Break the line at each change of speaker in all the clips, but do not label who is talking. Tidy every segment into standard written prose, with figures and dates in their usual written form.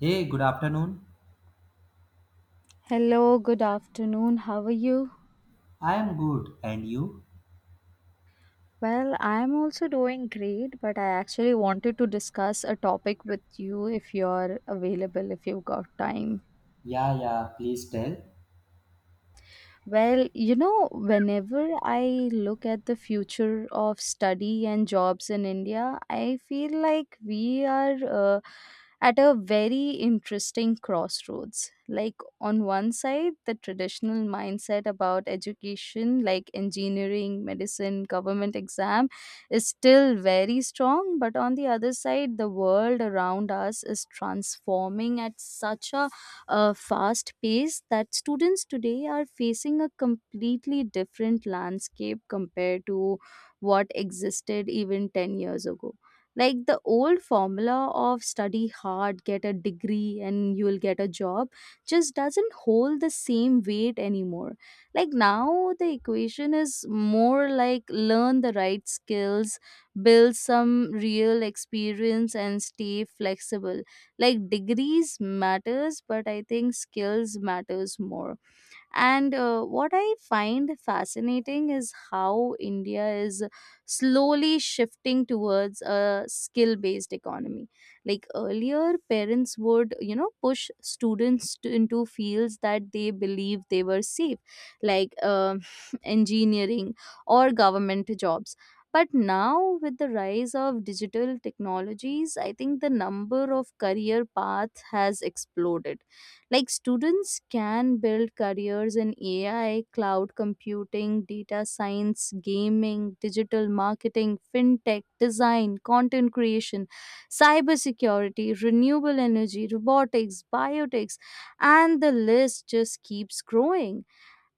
Hey, good afternoon.
Hello, good afternoon. How are you?
I am good. And you?
Well, I'm also doing great, but I actually wanted to discuss a topic with you if you're available, if you've got time.
Yeah, yeah, please tell.
Well, you know, whenever I look at the future of study and jobs in India, I feel like we are at a very interesting crossroads. Like, on one side, the traditional mindset about education, like engineering, medicine, government exam, is still very strong. But on the other side, the world around us is transforming at such a fast pace that students today are facing a completely different landscape compared to what existed even 10 years ago. Like the old formula of study hard, get a degree, and you'll get a job just doesn't hold the same weight anymore. Like now, the equation is more like learn the right skills, build some real experience, and stay flexible like degrees matters, but I think skills matters more. And what I find fascinating is how India is slowly shifting towards a skill based economy. Like earlier, parents would, you know, push students to, into fields that they believe they were safe, like engineering or government jobs. But now, with the rise of digital technologies, I think the number of career paths has exploded like students can build careers in AI, cloud computing, data science, gaming, digital marketing, fintech, design, content creation, cybersecurity, renewable energy, robotics, biotech, and the list just keeps growing.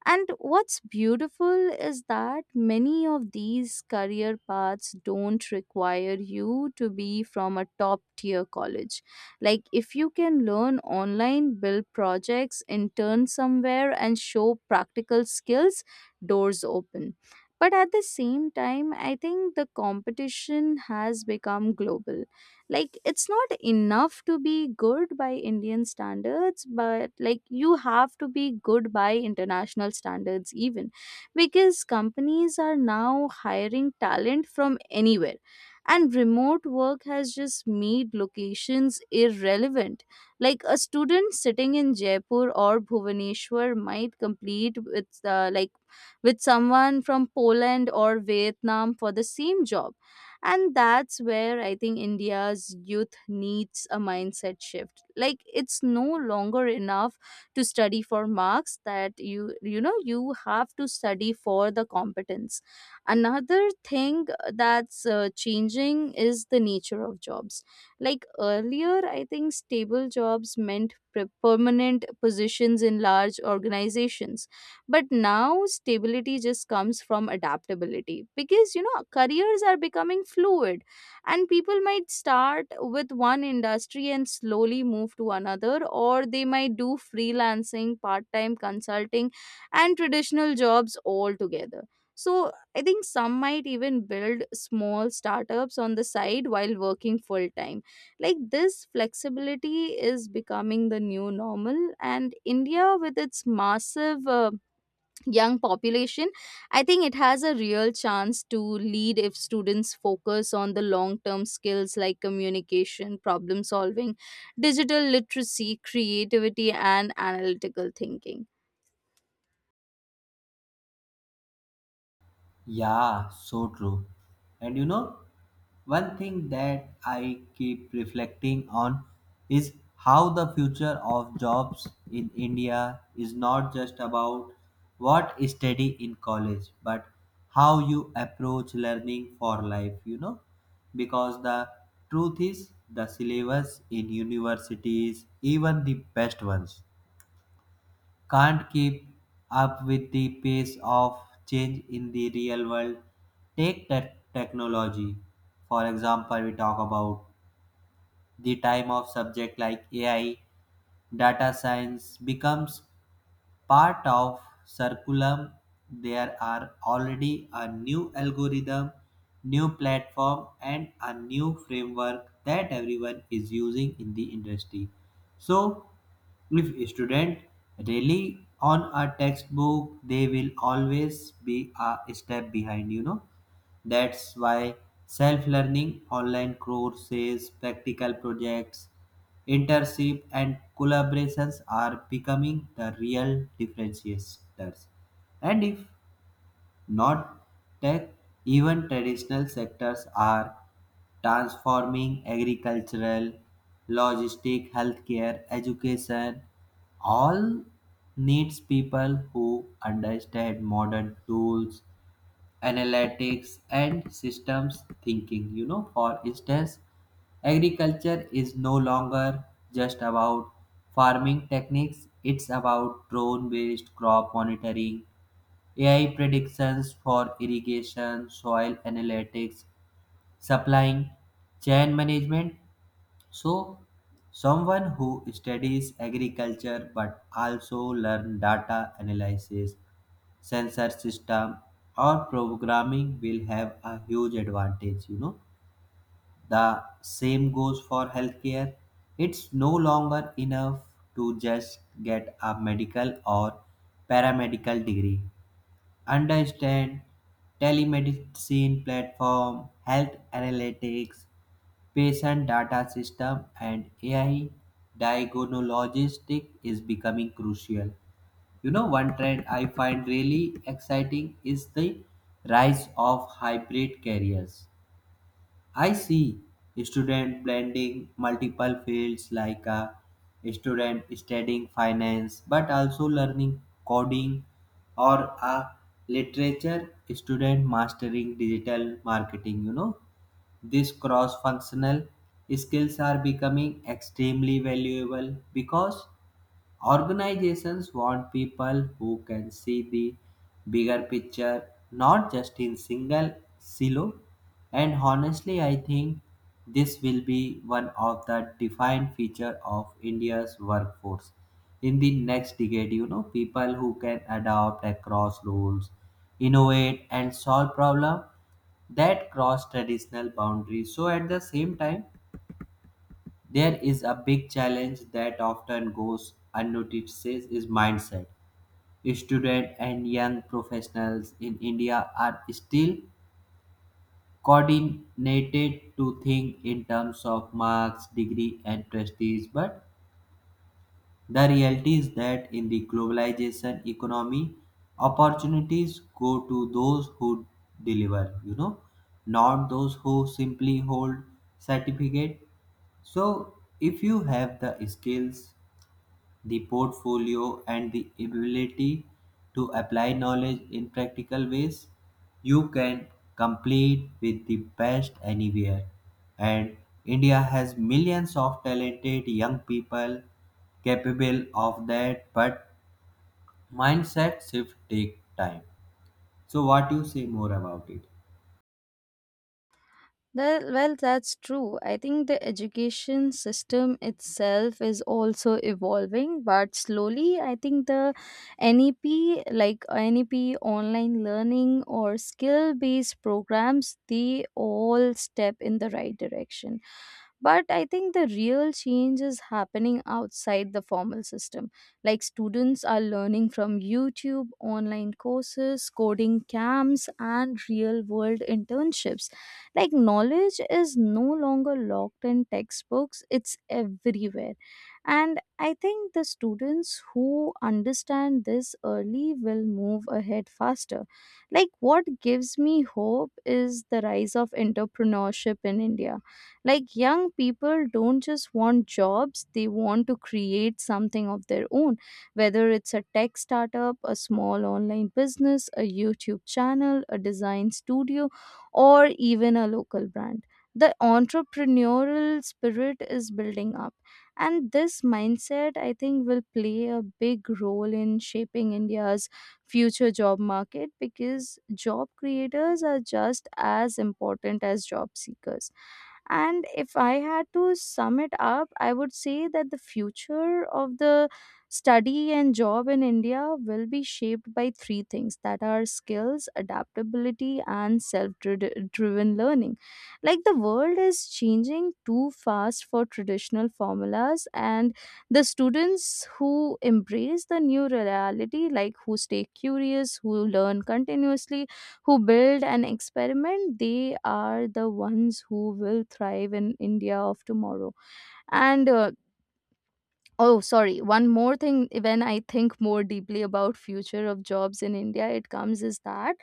And what's beautiful is that many of these career paths don't require you to be from a top tier college. Like, if you can learn online, build projects, intern somewhere, and show practical skills, doors open. But at the same time, I think the competition has become global, like it's not enough to be good by Indian standards, but like you have to be good by international standards even, because companies are now hiring talent from anywhere and remote work has just made locations irrelevant. Like a student sitting in Jaipur or Bhubaneswar might complete with like with someone from Poland or Vietnam for the same job, and that's where I think India's youth needs a mindset shift. Like it's no longer enough to study for marks, that you have to study for the competence. Another thing that's changing is the nature of jobs. Like earlier, I think stable jobs meant permanent positions in large organizations, but now stability just comes from adaptability, because you know careers are becoming fluid, and people might start with one industry and slowly move to another, or they might do freelancing, part-time consulting and traditional jobs all together. So I think some might even build small startups on the side while working full time. Like this flexibility is becoming the new normal, and India, with its massive young population, I think it has a real chance to lead if students focus on the long term skills like communication, problem solving, digital literacy, creativity and analytical thinking.
Yeah, so true. And you know, one thing that I keep reflecting on is how the future of jobs in India is not just about what is study in college, but how you approach learning for life, you know? Because the truth is, the syllabus in universities, even the best ones can't keep up with the pace of change in the real world. Take technology. For example, we talk about the time of subject like AI, data science becomes part of Circulum. There are already a new algorithm, new platform and a new framework that everyone is using in the industry. So if a student rely on a textbook, they will always be a step behind, you know. That's why self-learning, online courses, practical projects, internship and collaborations are becoming the real differentiators. And if not tech, even traditional sectors are transforming agricultural, logistic, healthcare, education, all needs people who understand modern tools, analytics and systems thinking, you know. For instance, agriculture is no longer just about farming techniques. It's about drone based crop monitoring, AI predictions for irrigation, soil analytics, supplying chain management. So someone who studies agriculture but also learn data analysis, sensor system or programming will have a huge advantage, you know. The same goes for healthcare. It's no longer enough to just get a medical or paramedical degree. Understand telemedicine platform, health analytics, patient data system and AI diagnostic is becoming crucial. You know, one trend I find really exciting is the rise of hybrid careers. I see student blending multiple fields, like a student studying finance but also learning coding, or a literature student mastering digital marketing. You know, these cross functional skills are becoming extremely valuable because organizations want people who can see the bigger picture, not just in single silo. And honestly, I think this will be one of the defined feature of India's workforce in the next decade. You know, people who can adapt across roles, innovate, and solve problems that cross traditional boundaries. So at the same time, there is a big challenge that often goes unnoticed is mindset. Students and young professionals in India are still coordinated to think in terms of marks, degree, and prestige, but the reality is that in the globalization economy, opportunities go to those who deliver, you know, not those who simply hold certificate. So, if you have the skills, the portfolio and the ability to apply knowledge in practical ways, you can compete with the best anywhere, and india has millions of talented young people capable of that, but mindset shift take time. So what you say more about it?
That, well, that's true. I think the education system itself is also evolving, but slowly. I think the NEP, like NEP online learning or skill based programs, they all step in the right direction. But I think the real change is happening outside the formal system. Like students are learning from YouTube, online courses, coding camps, and real world internships, like knowledge is no longer locked in textbooks, it's everywhere. And I think the students who understand this early will move ahead faster. Like, what gives me hope is the rise of entrepreneurship in India. Like, young people don't just want jobs, they want to create something of their own, whether it's a tech startup, a small online business, a YouTube channel, a design studio or even a local brand. The entrepreneurial spirit is building up, and this mindset, I think, will play a big role in shaping India's future job market, because job creators are just as important as job seekers. And if I had to sum it up, I would say that the future of the study and job in India will be shaped by three things that are skills, adaptability, and self driven learning. Like the world is changing too fast for traditional formulas, and the students who embrace the new reality, like who stay curious, who learn continuously, who build and experiment, they are the ones who will thrive in India of tomorrow. And oh, sorry, one more thing. When I think more deeply about future of jobs in India, it comes is that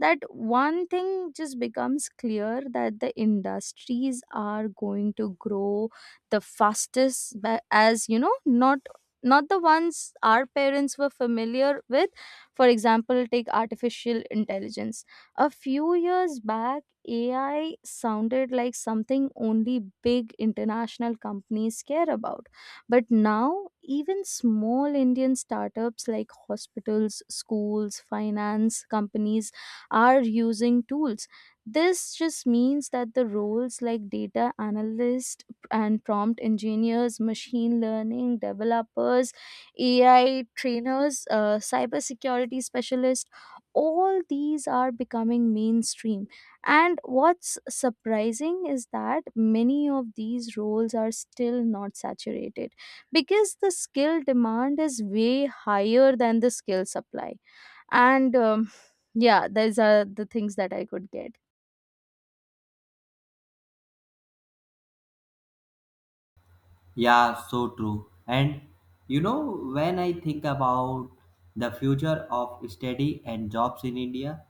that one thing just becomes clear, that the industries are going to grow the fastest, as you know, not the ones our parents were familiar with. For example, take artificial intelligence. A few years back, AI sounded like something only big international companies care about. But now, even small Indian startups like hospitals, schools, finance companies are using tools. This just means that the roles like data analyst and prompt engineers, machine learning developers, AI trainers, cybersecurity specialists, all these are becoming mainstream. And what's surprising is that many of these roles are still not saturated, because the skill demand is way higher than the skill supply. And yeah, these are the things that I could get.
Yeah, so true. And you know, when I think about the future of study and jobs in india,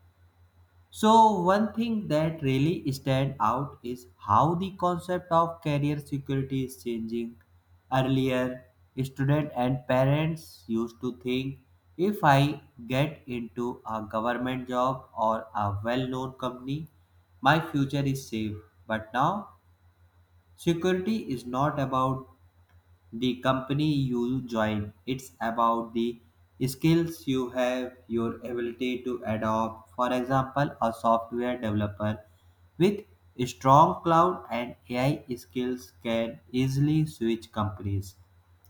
so one thing that really stand out is how the concept of career security is changing. Earlier, students and parents used to think if I get into a government job or a well-known company, my future is safe. But now, security is not about the company you join. It's about the skills you have, your ability to adopt. For example, a software developer with strong cloud and AI skills can easily switch companies,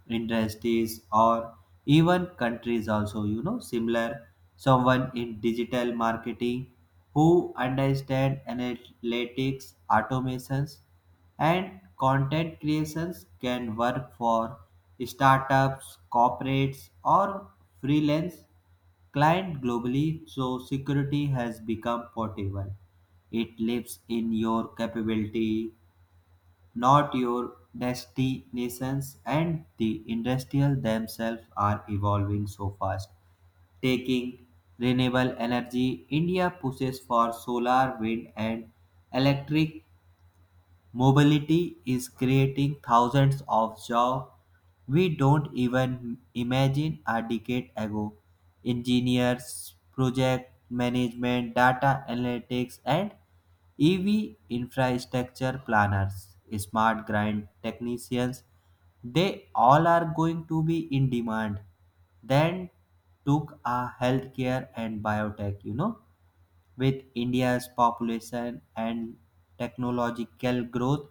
industries, or even countries also. You know, similar someone in digital marketing who understand analytics, automations and content creations can work for startups, corporates, or freelance clients globally, so security has become portable. It lives in your capability, not your destinations, and the industrial themselves are evolving so fast. Taking renewable energy, India pushes for solar, wind, and electric mobility is creating thousands of jobs we don't even imagine a decade ago. Engineers, project management, data analytics, and EV infrastructure planners, smart grid technicians, they all are going to be in demand. Then took a healthcare and biotech, you know. With India's population and technological growth,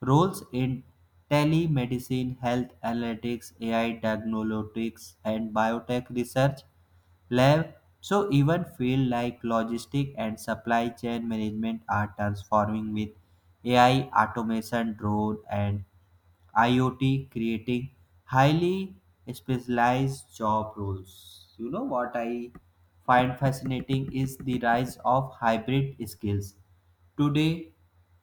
roles in telemedicine, health analytics, AI diagnostics, and biotech research lab. So even field like logistic and supply chain management are transforming with AI, automation, drone, and IoT creating highly specialized job roles. You know what I find fascinating is the rise of hybrid skills. Today,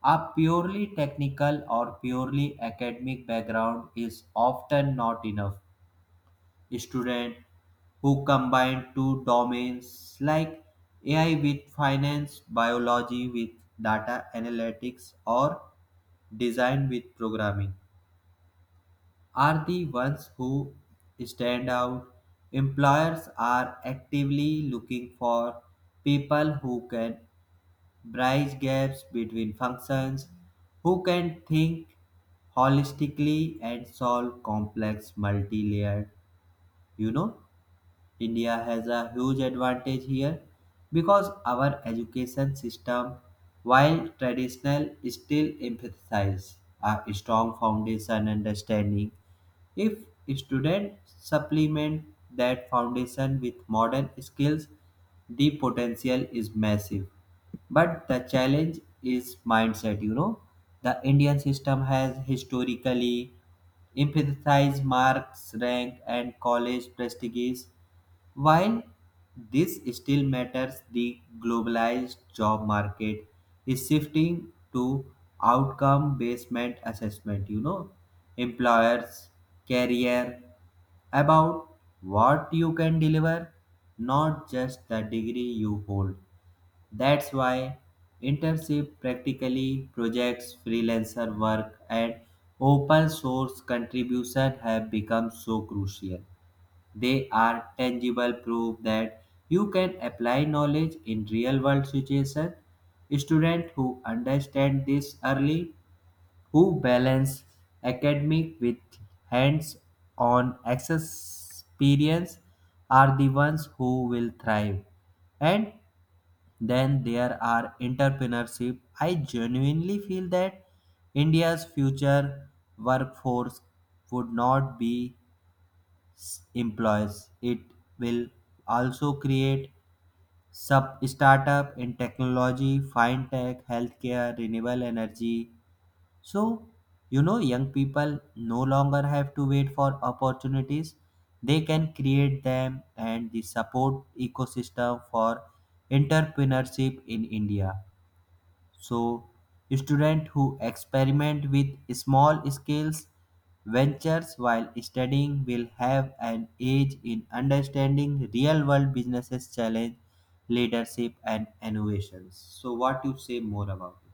a purely technical or purely academic background is often not enough. Students who combine two domains like AI with finance, biology with data analytics, or design with programming are the ones who stand out. Employers are actively looking for people who can bridge gaps between functions, who can think holistically and solve complex multi-layered, you know, India has a huge advantage here because our education system, while traditional, still emphasizes a strong foundation understanding. If students supplement that foundation with modern skills, the potential is massive. But the challenge is mindset, you know. The Indian system has historically emphasized marks, rank, and college prestige, while this still matters, the globalized job market is shifting to outcome based assessment. You know, employers career about what you can deliver, not just the degree you hold. That's why internship, practically projects, freelancer work, and open source contribution have become so crucial. They are tangible proof that you can apply knowledge in real world situations. Students who understand this early, who balance academic with hands on experience, are the ones who will thrive. And then there are entrepreneurship. I genuinely feel that India's future workforce would not be employees. It will also create sub startup in technology, fintech, healthcare, renewable energy. So, you know, young people no longer have to wait for opportunities. They can create them, and the support ecosystem for entrepreneurship in India. So, students who experiment with small scales ventures while studying will have an edge in understanding real world businesses challenge, leadership and innovations. So what you say more about it?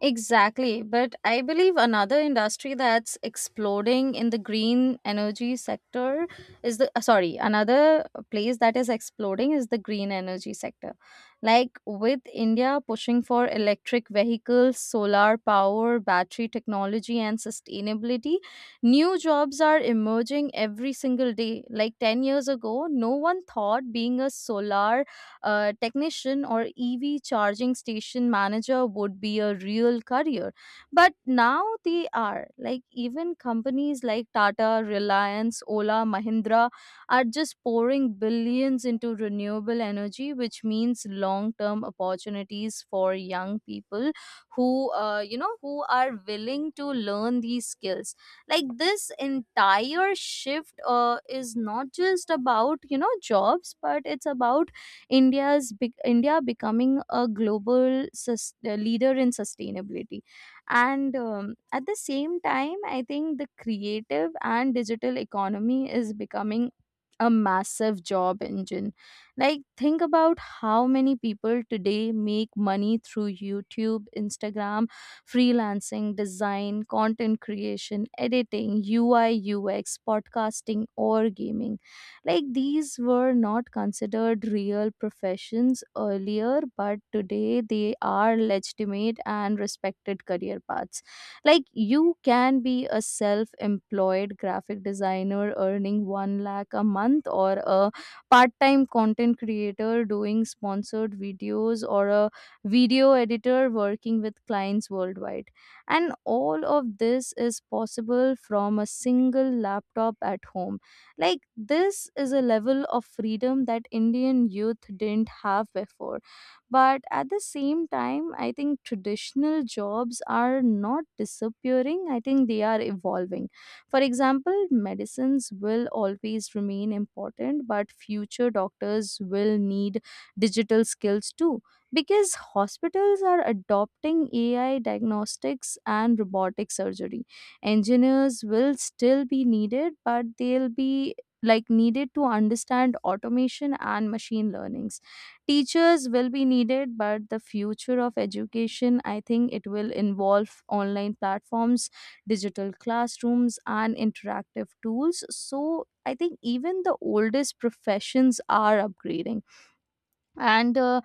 Exactly. But I believe another industry that's exploding in the green energy sector is the another place that is exploding is the green energy sector. Like with India pushing for electric vehicles, solar power, battery technology, and sustainability, new jobs are emerging every single day. Like 10 years ago, no one thought being a solar technician or EV charging station manager would be a real career. But now they are. Like, even companies like Tata, Reliance, Ola, Mahindra are just pouring billions into renewable energy, which means long term opportunities for young people who, who are willing to learn these skills. Like, this entire shift is not just about, jobs, but it's about India's India becoming a global leader in sustainability. And at the same time, I think the creative and digital economy is becoming a massive job engine. Like, think about how many people today make money through YouTube, Instagram, freelancing, design, content creation, editing, UI, UX, podcasting, or gaming. Like, these were not considered real professions earlier, but today they are legitimate and respected career paths, like you can be a self-employed graphic designer earning 1 lakh a month, or a part-time content creator doing sponsored videos, or a video editor working with clients worldwide, and all of this is possible from a single laptop at home. Like this is a level of freedom that Indian youth didn't have before. But at the same time, I think traditional jobs are not disappearing. I think they are evolving. For example, medicines will always remain important, but future doctors will need digital skills too, because hospitals are adopting AI diagnostics and robotic surgery. Engineers will still be needed, but they'll be like needed to understand automation and machine learnings. Teachers will be needed, but the future of education, I think it will involve online platforms, digital classrooms, and interactive tools. So I think even the oldest professions are upgrading. And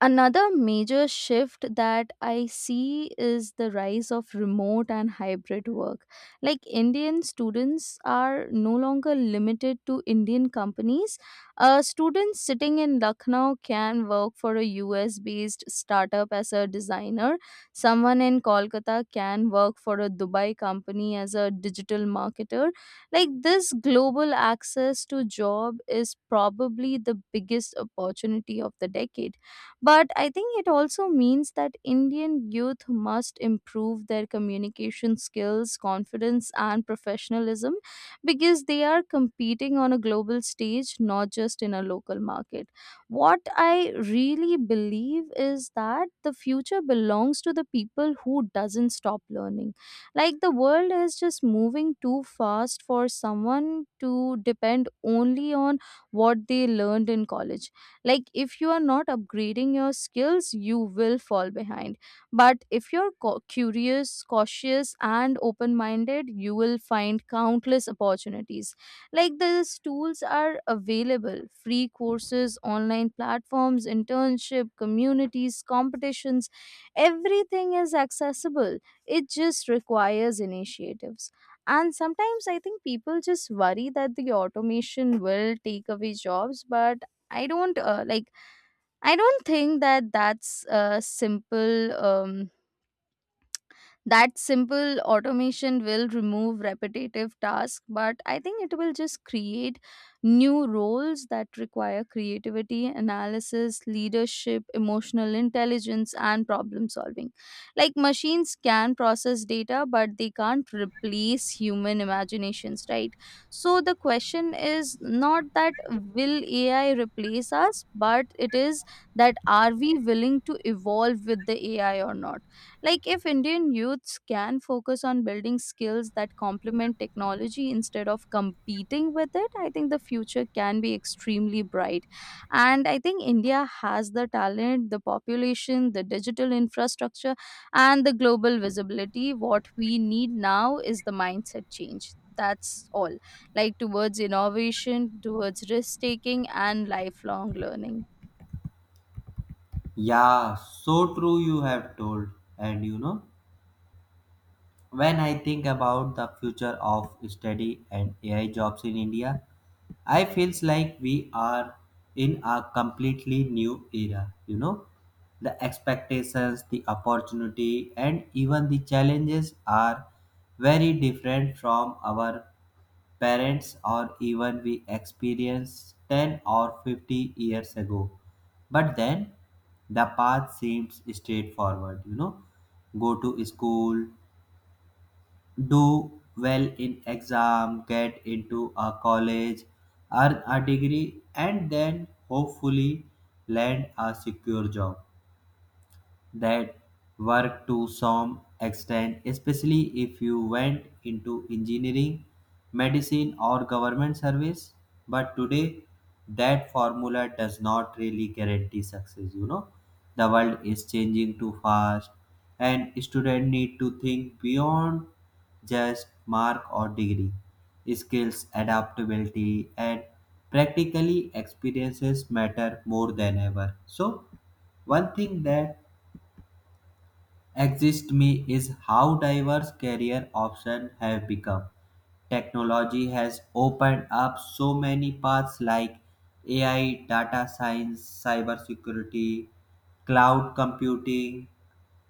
another major shift that I see is the rise of remote and hybrid work. Like Indian students are no longer limited to Indian companies. A student sitting in Lucknow can work for a US based startup as a designer. Someone in Kolkata can work for a Dubai company as a digital marketer. Like this global access to job is probably the biggest opportunity of the decade, but I think it also means that Indian youth must improve their communication skills, confidence, and professionalism, because they are competing on a global stage, not just in a local market. What I really believe is that the future belongs to the people who doesn't stop learning. Like the world is just moving too fast for someone to depend only on what they learned in college. Like if you are not upgrading your skills, you will fall behind, but if you're curious, cautious and open minded, you will find countless opportunities. Like these tools are available, free courses, online platforms, internship, communities, competitions, everything is accessible. It just requires initiatives. And sometimes I think people just worry that the automation will take away jobs, but I don't uh, like I don't think that that simple automation will remove repetitive tasks, but I think it will just create new roles that require creativity, analysis, leadership, emotional intelligence, and problem solving. Like machines can process data, but they can't replace human imaginations, right? So the question is not that will AI replace us, but it is that are we willing to evolve with the AI or not? Like, if Indian youths can focus on building skills that complement technology instead of competing with it, I think the future can be extremely bright. And I think India has the talent, the population, the digital infrastructure, and the global visibility. What we need now is the mindset change. That's all, like towards innovation, towards risk taking, and lifelong learning.
Yeah, so true, you have told. And you know, when I think about the future of study and AI jobs in India, I feels like we are in a completely new era, you know. The expectations, the opportunity and even the challenges are very different from our parents or even we experienced 10 or 50 years ago. But then the path seems straightforward, you know. Go to school, do well in exam, get into a college, earn a degree, and then hopefully land a secure job that work to some extent, especially if you went into engineering, medicine, or government service. But today, that formula does not really guarantee success. You know, the world is changing too fast, and students need to think beyond just mark or degree. Skills, adaptability, and practically experiences matter more than ever. So, one thing that exist me is how diverse career options have become. Technology has opened up so many paths like AI, data science, cybersecurity, cloud computing,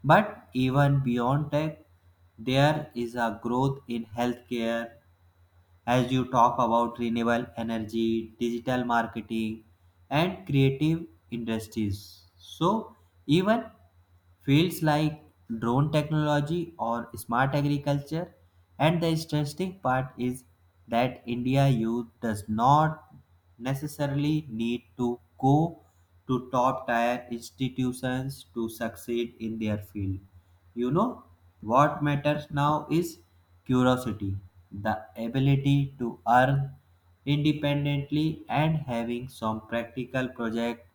but even beyond tech, there is a growth in healthcare, as you talk about renewable energy, digital marketing, and creative industries. So, even fields like drone technology or smart agriculture. And the interesting part is that India youth does not necessarily need to go to top tier institutions to succeed in their field. You know, what matters now is curiosity, the ability to earn independently and having some practical project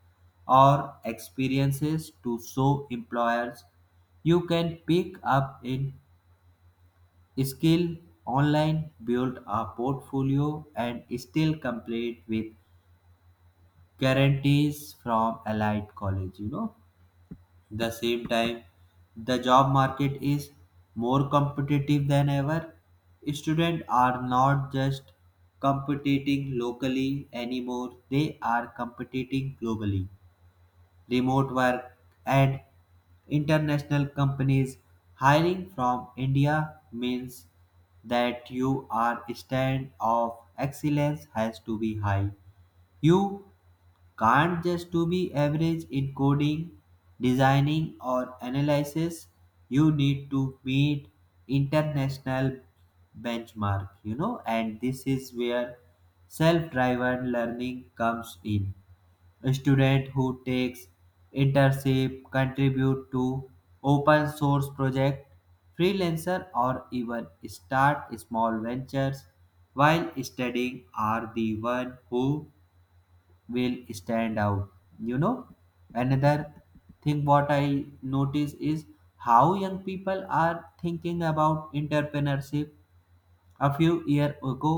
or experiences to show employers. You can pick up in skill online, build a portfolio and still complete with guarantees from allied college, you know. The same time the job market is more competitive than ever. Students are not just competing locally anymore, they are competing globally. Remote work and international companies hiring from india means that you are stand of excellence has to be high. You can't just to be average in coding, designing or analysis. You need to meet international benchmark, you know, and this is where self-driven learning comes in. A student who takes internship, contribute to open source project, freelancer or even start small ventures while studying are the one who will stand out, you know. Another thing what I notice is how young people are thinking about entrepreneurship. A few years ago,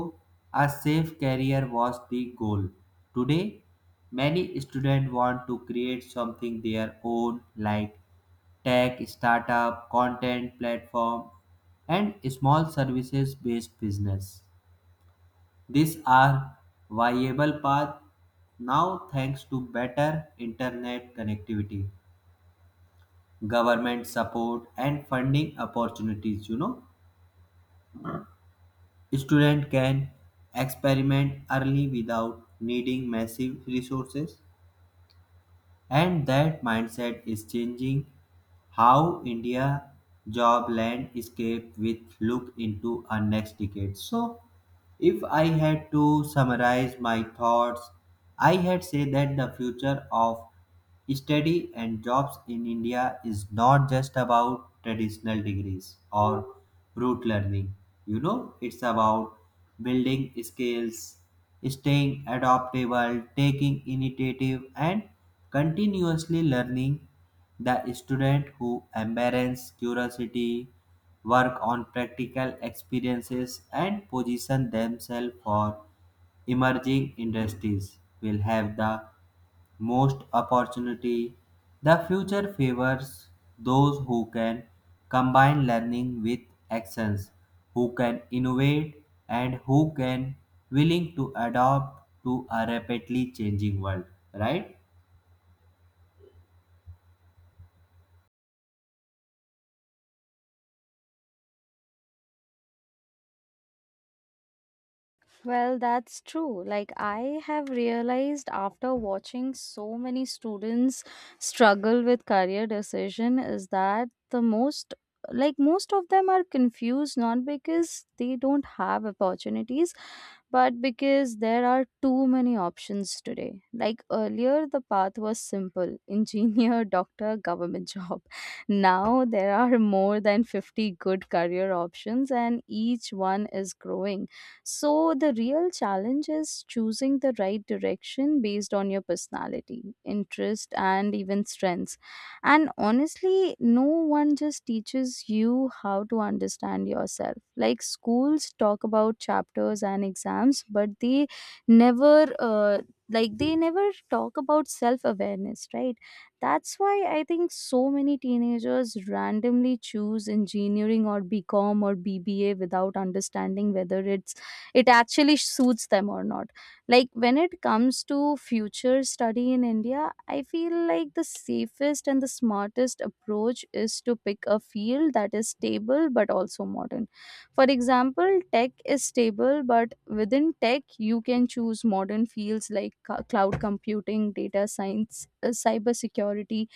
a safe career was the goal. Today, many students want to create something their own, like tech startup, content platform and small services based business. These are viable paths now thanks to better internet connectivity, government support and funding opportunities, you know. Student can experiment early without needing massive resources. And that mindset is changing how India job landscape with look into our next decade. So if I had to summarize my thoughts, I had say that the future of study and jobs in India is not just about traditional degrees or rote learning. You know, it's about building skills, staying adaptable, taking initiative, and continuously learning. The student who embraces curiosity, work on practical experiences, and position themselves for emerging industries will have the most opportunity. The future favors those who can combine learning with actions, who can innovate and who can willing to adapt to a rapidly changing world, right?
Well, that's true. Like, I have realized after watching so many students struggle with career decision is that the most like most of them are confused, not because they don't have opportunities, but because there are too many options today. Like earlier, the path was simple engineer, doctor, government job. Now there are more than 50 good career options, and each one is growing. So, the real challenge is choosing the right direction based on your personality, interest, and even strengths. And honestly, no one just teaches you how to understand yourself. Like schools talk about chapters and exams, but they never like they never talk about self awareness, right? That's why I think so many teenagers randomly choose engineering or BCom or BBA without understanding whether it actually suits them or not. Like when it comes to future study in India, I feel like the safest and the smartest approach is to pick a field that is stable but also modern. For example, tech is stable, but within tech you can choose modern fields like cloud computing, data science, cyber security,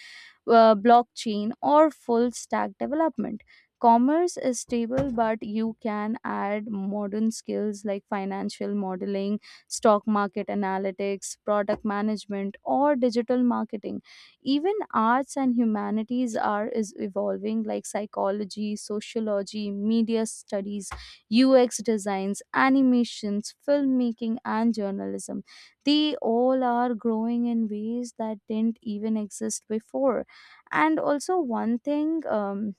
blockchain, or full stack development. Commerce is stable, but you can add modern skills like financial modeling, stock market analytics, product management, or digital marketing. Even arts and humanities are is evolving, like psychology, sociology, media studies, UX designs, animations, filmmaking, and journalism. They all are growing in ways that didn't even exist before. And also one thing,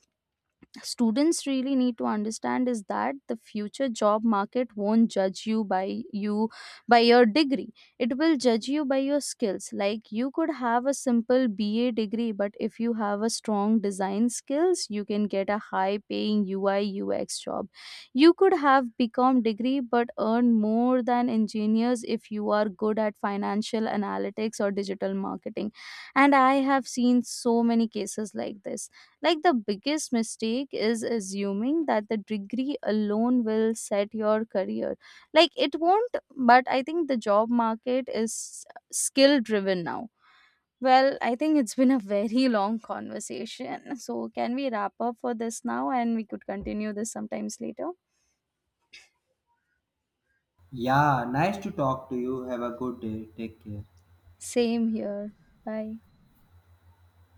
students really need to understand is that the future job market won't judge you by your degree. It will judge you by your skills. Like you could have a simple BA degree, but if you have a strong design skills, you can get a high paying UI UX job. You could have BCom degree but earn more than engineers if you are good at financial analytics or digital marketing. And I have seen so many cases like this. Like the biggest mistake is assuming that the degree alone will set your career. Like it won't, but I think the job market is skill driven now. Well, I think it's been a very long conversation. So, can we wrap up for this now and we could continue this sometimes later?
Yeah, nice to talk to you. Have a good day. Take care.
Same here. Bye.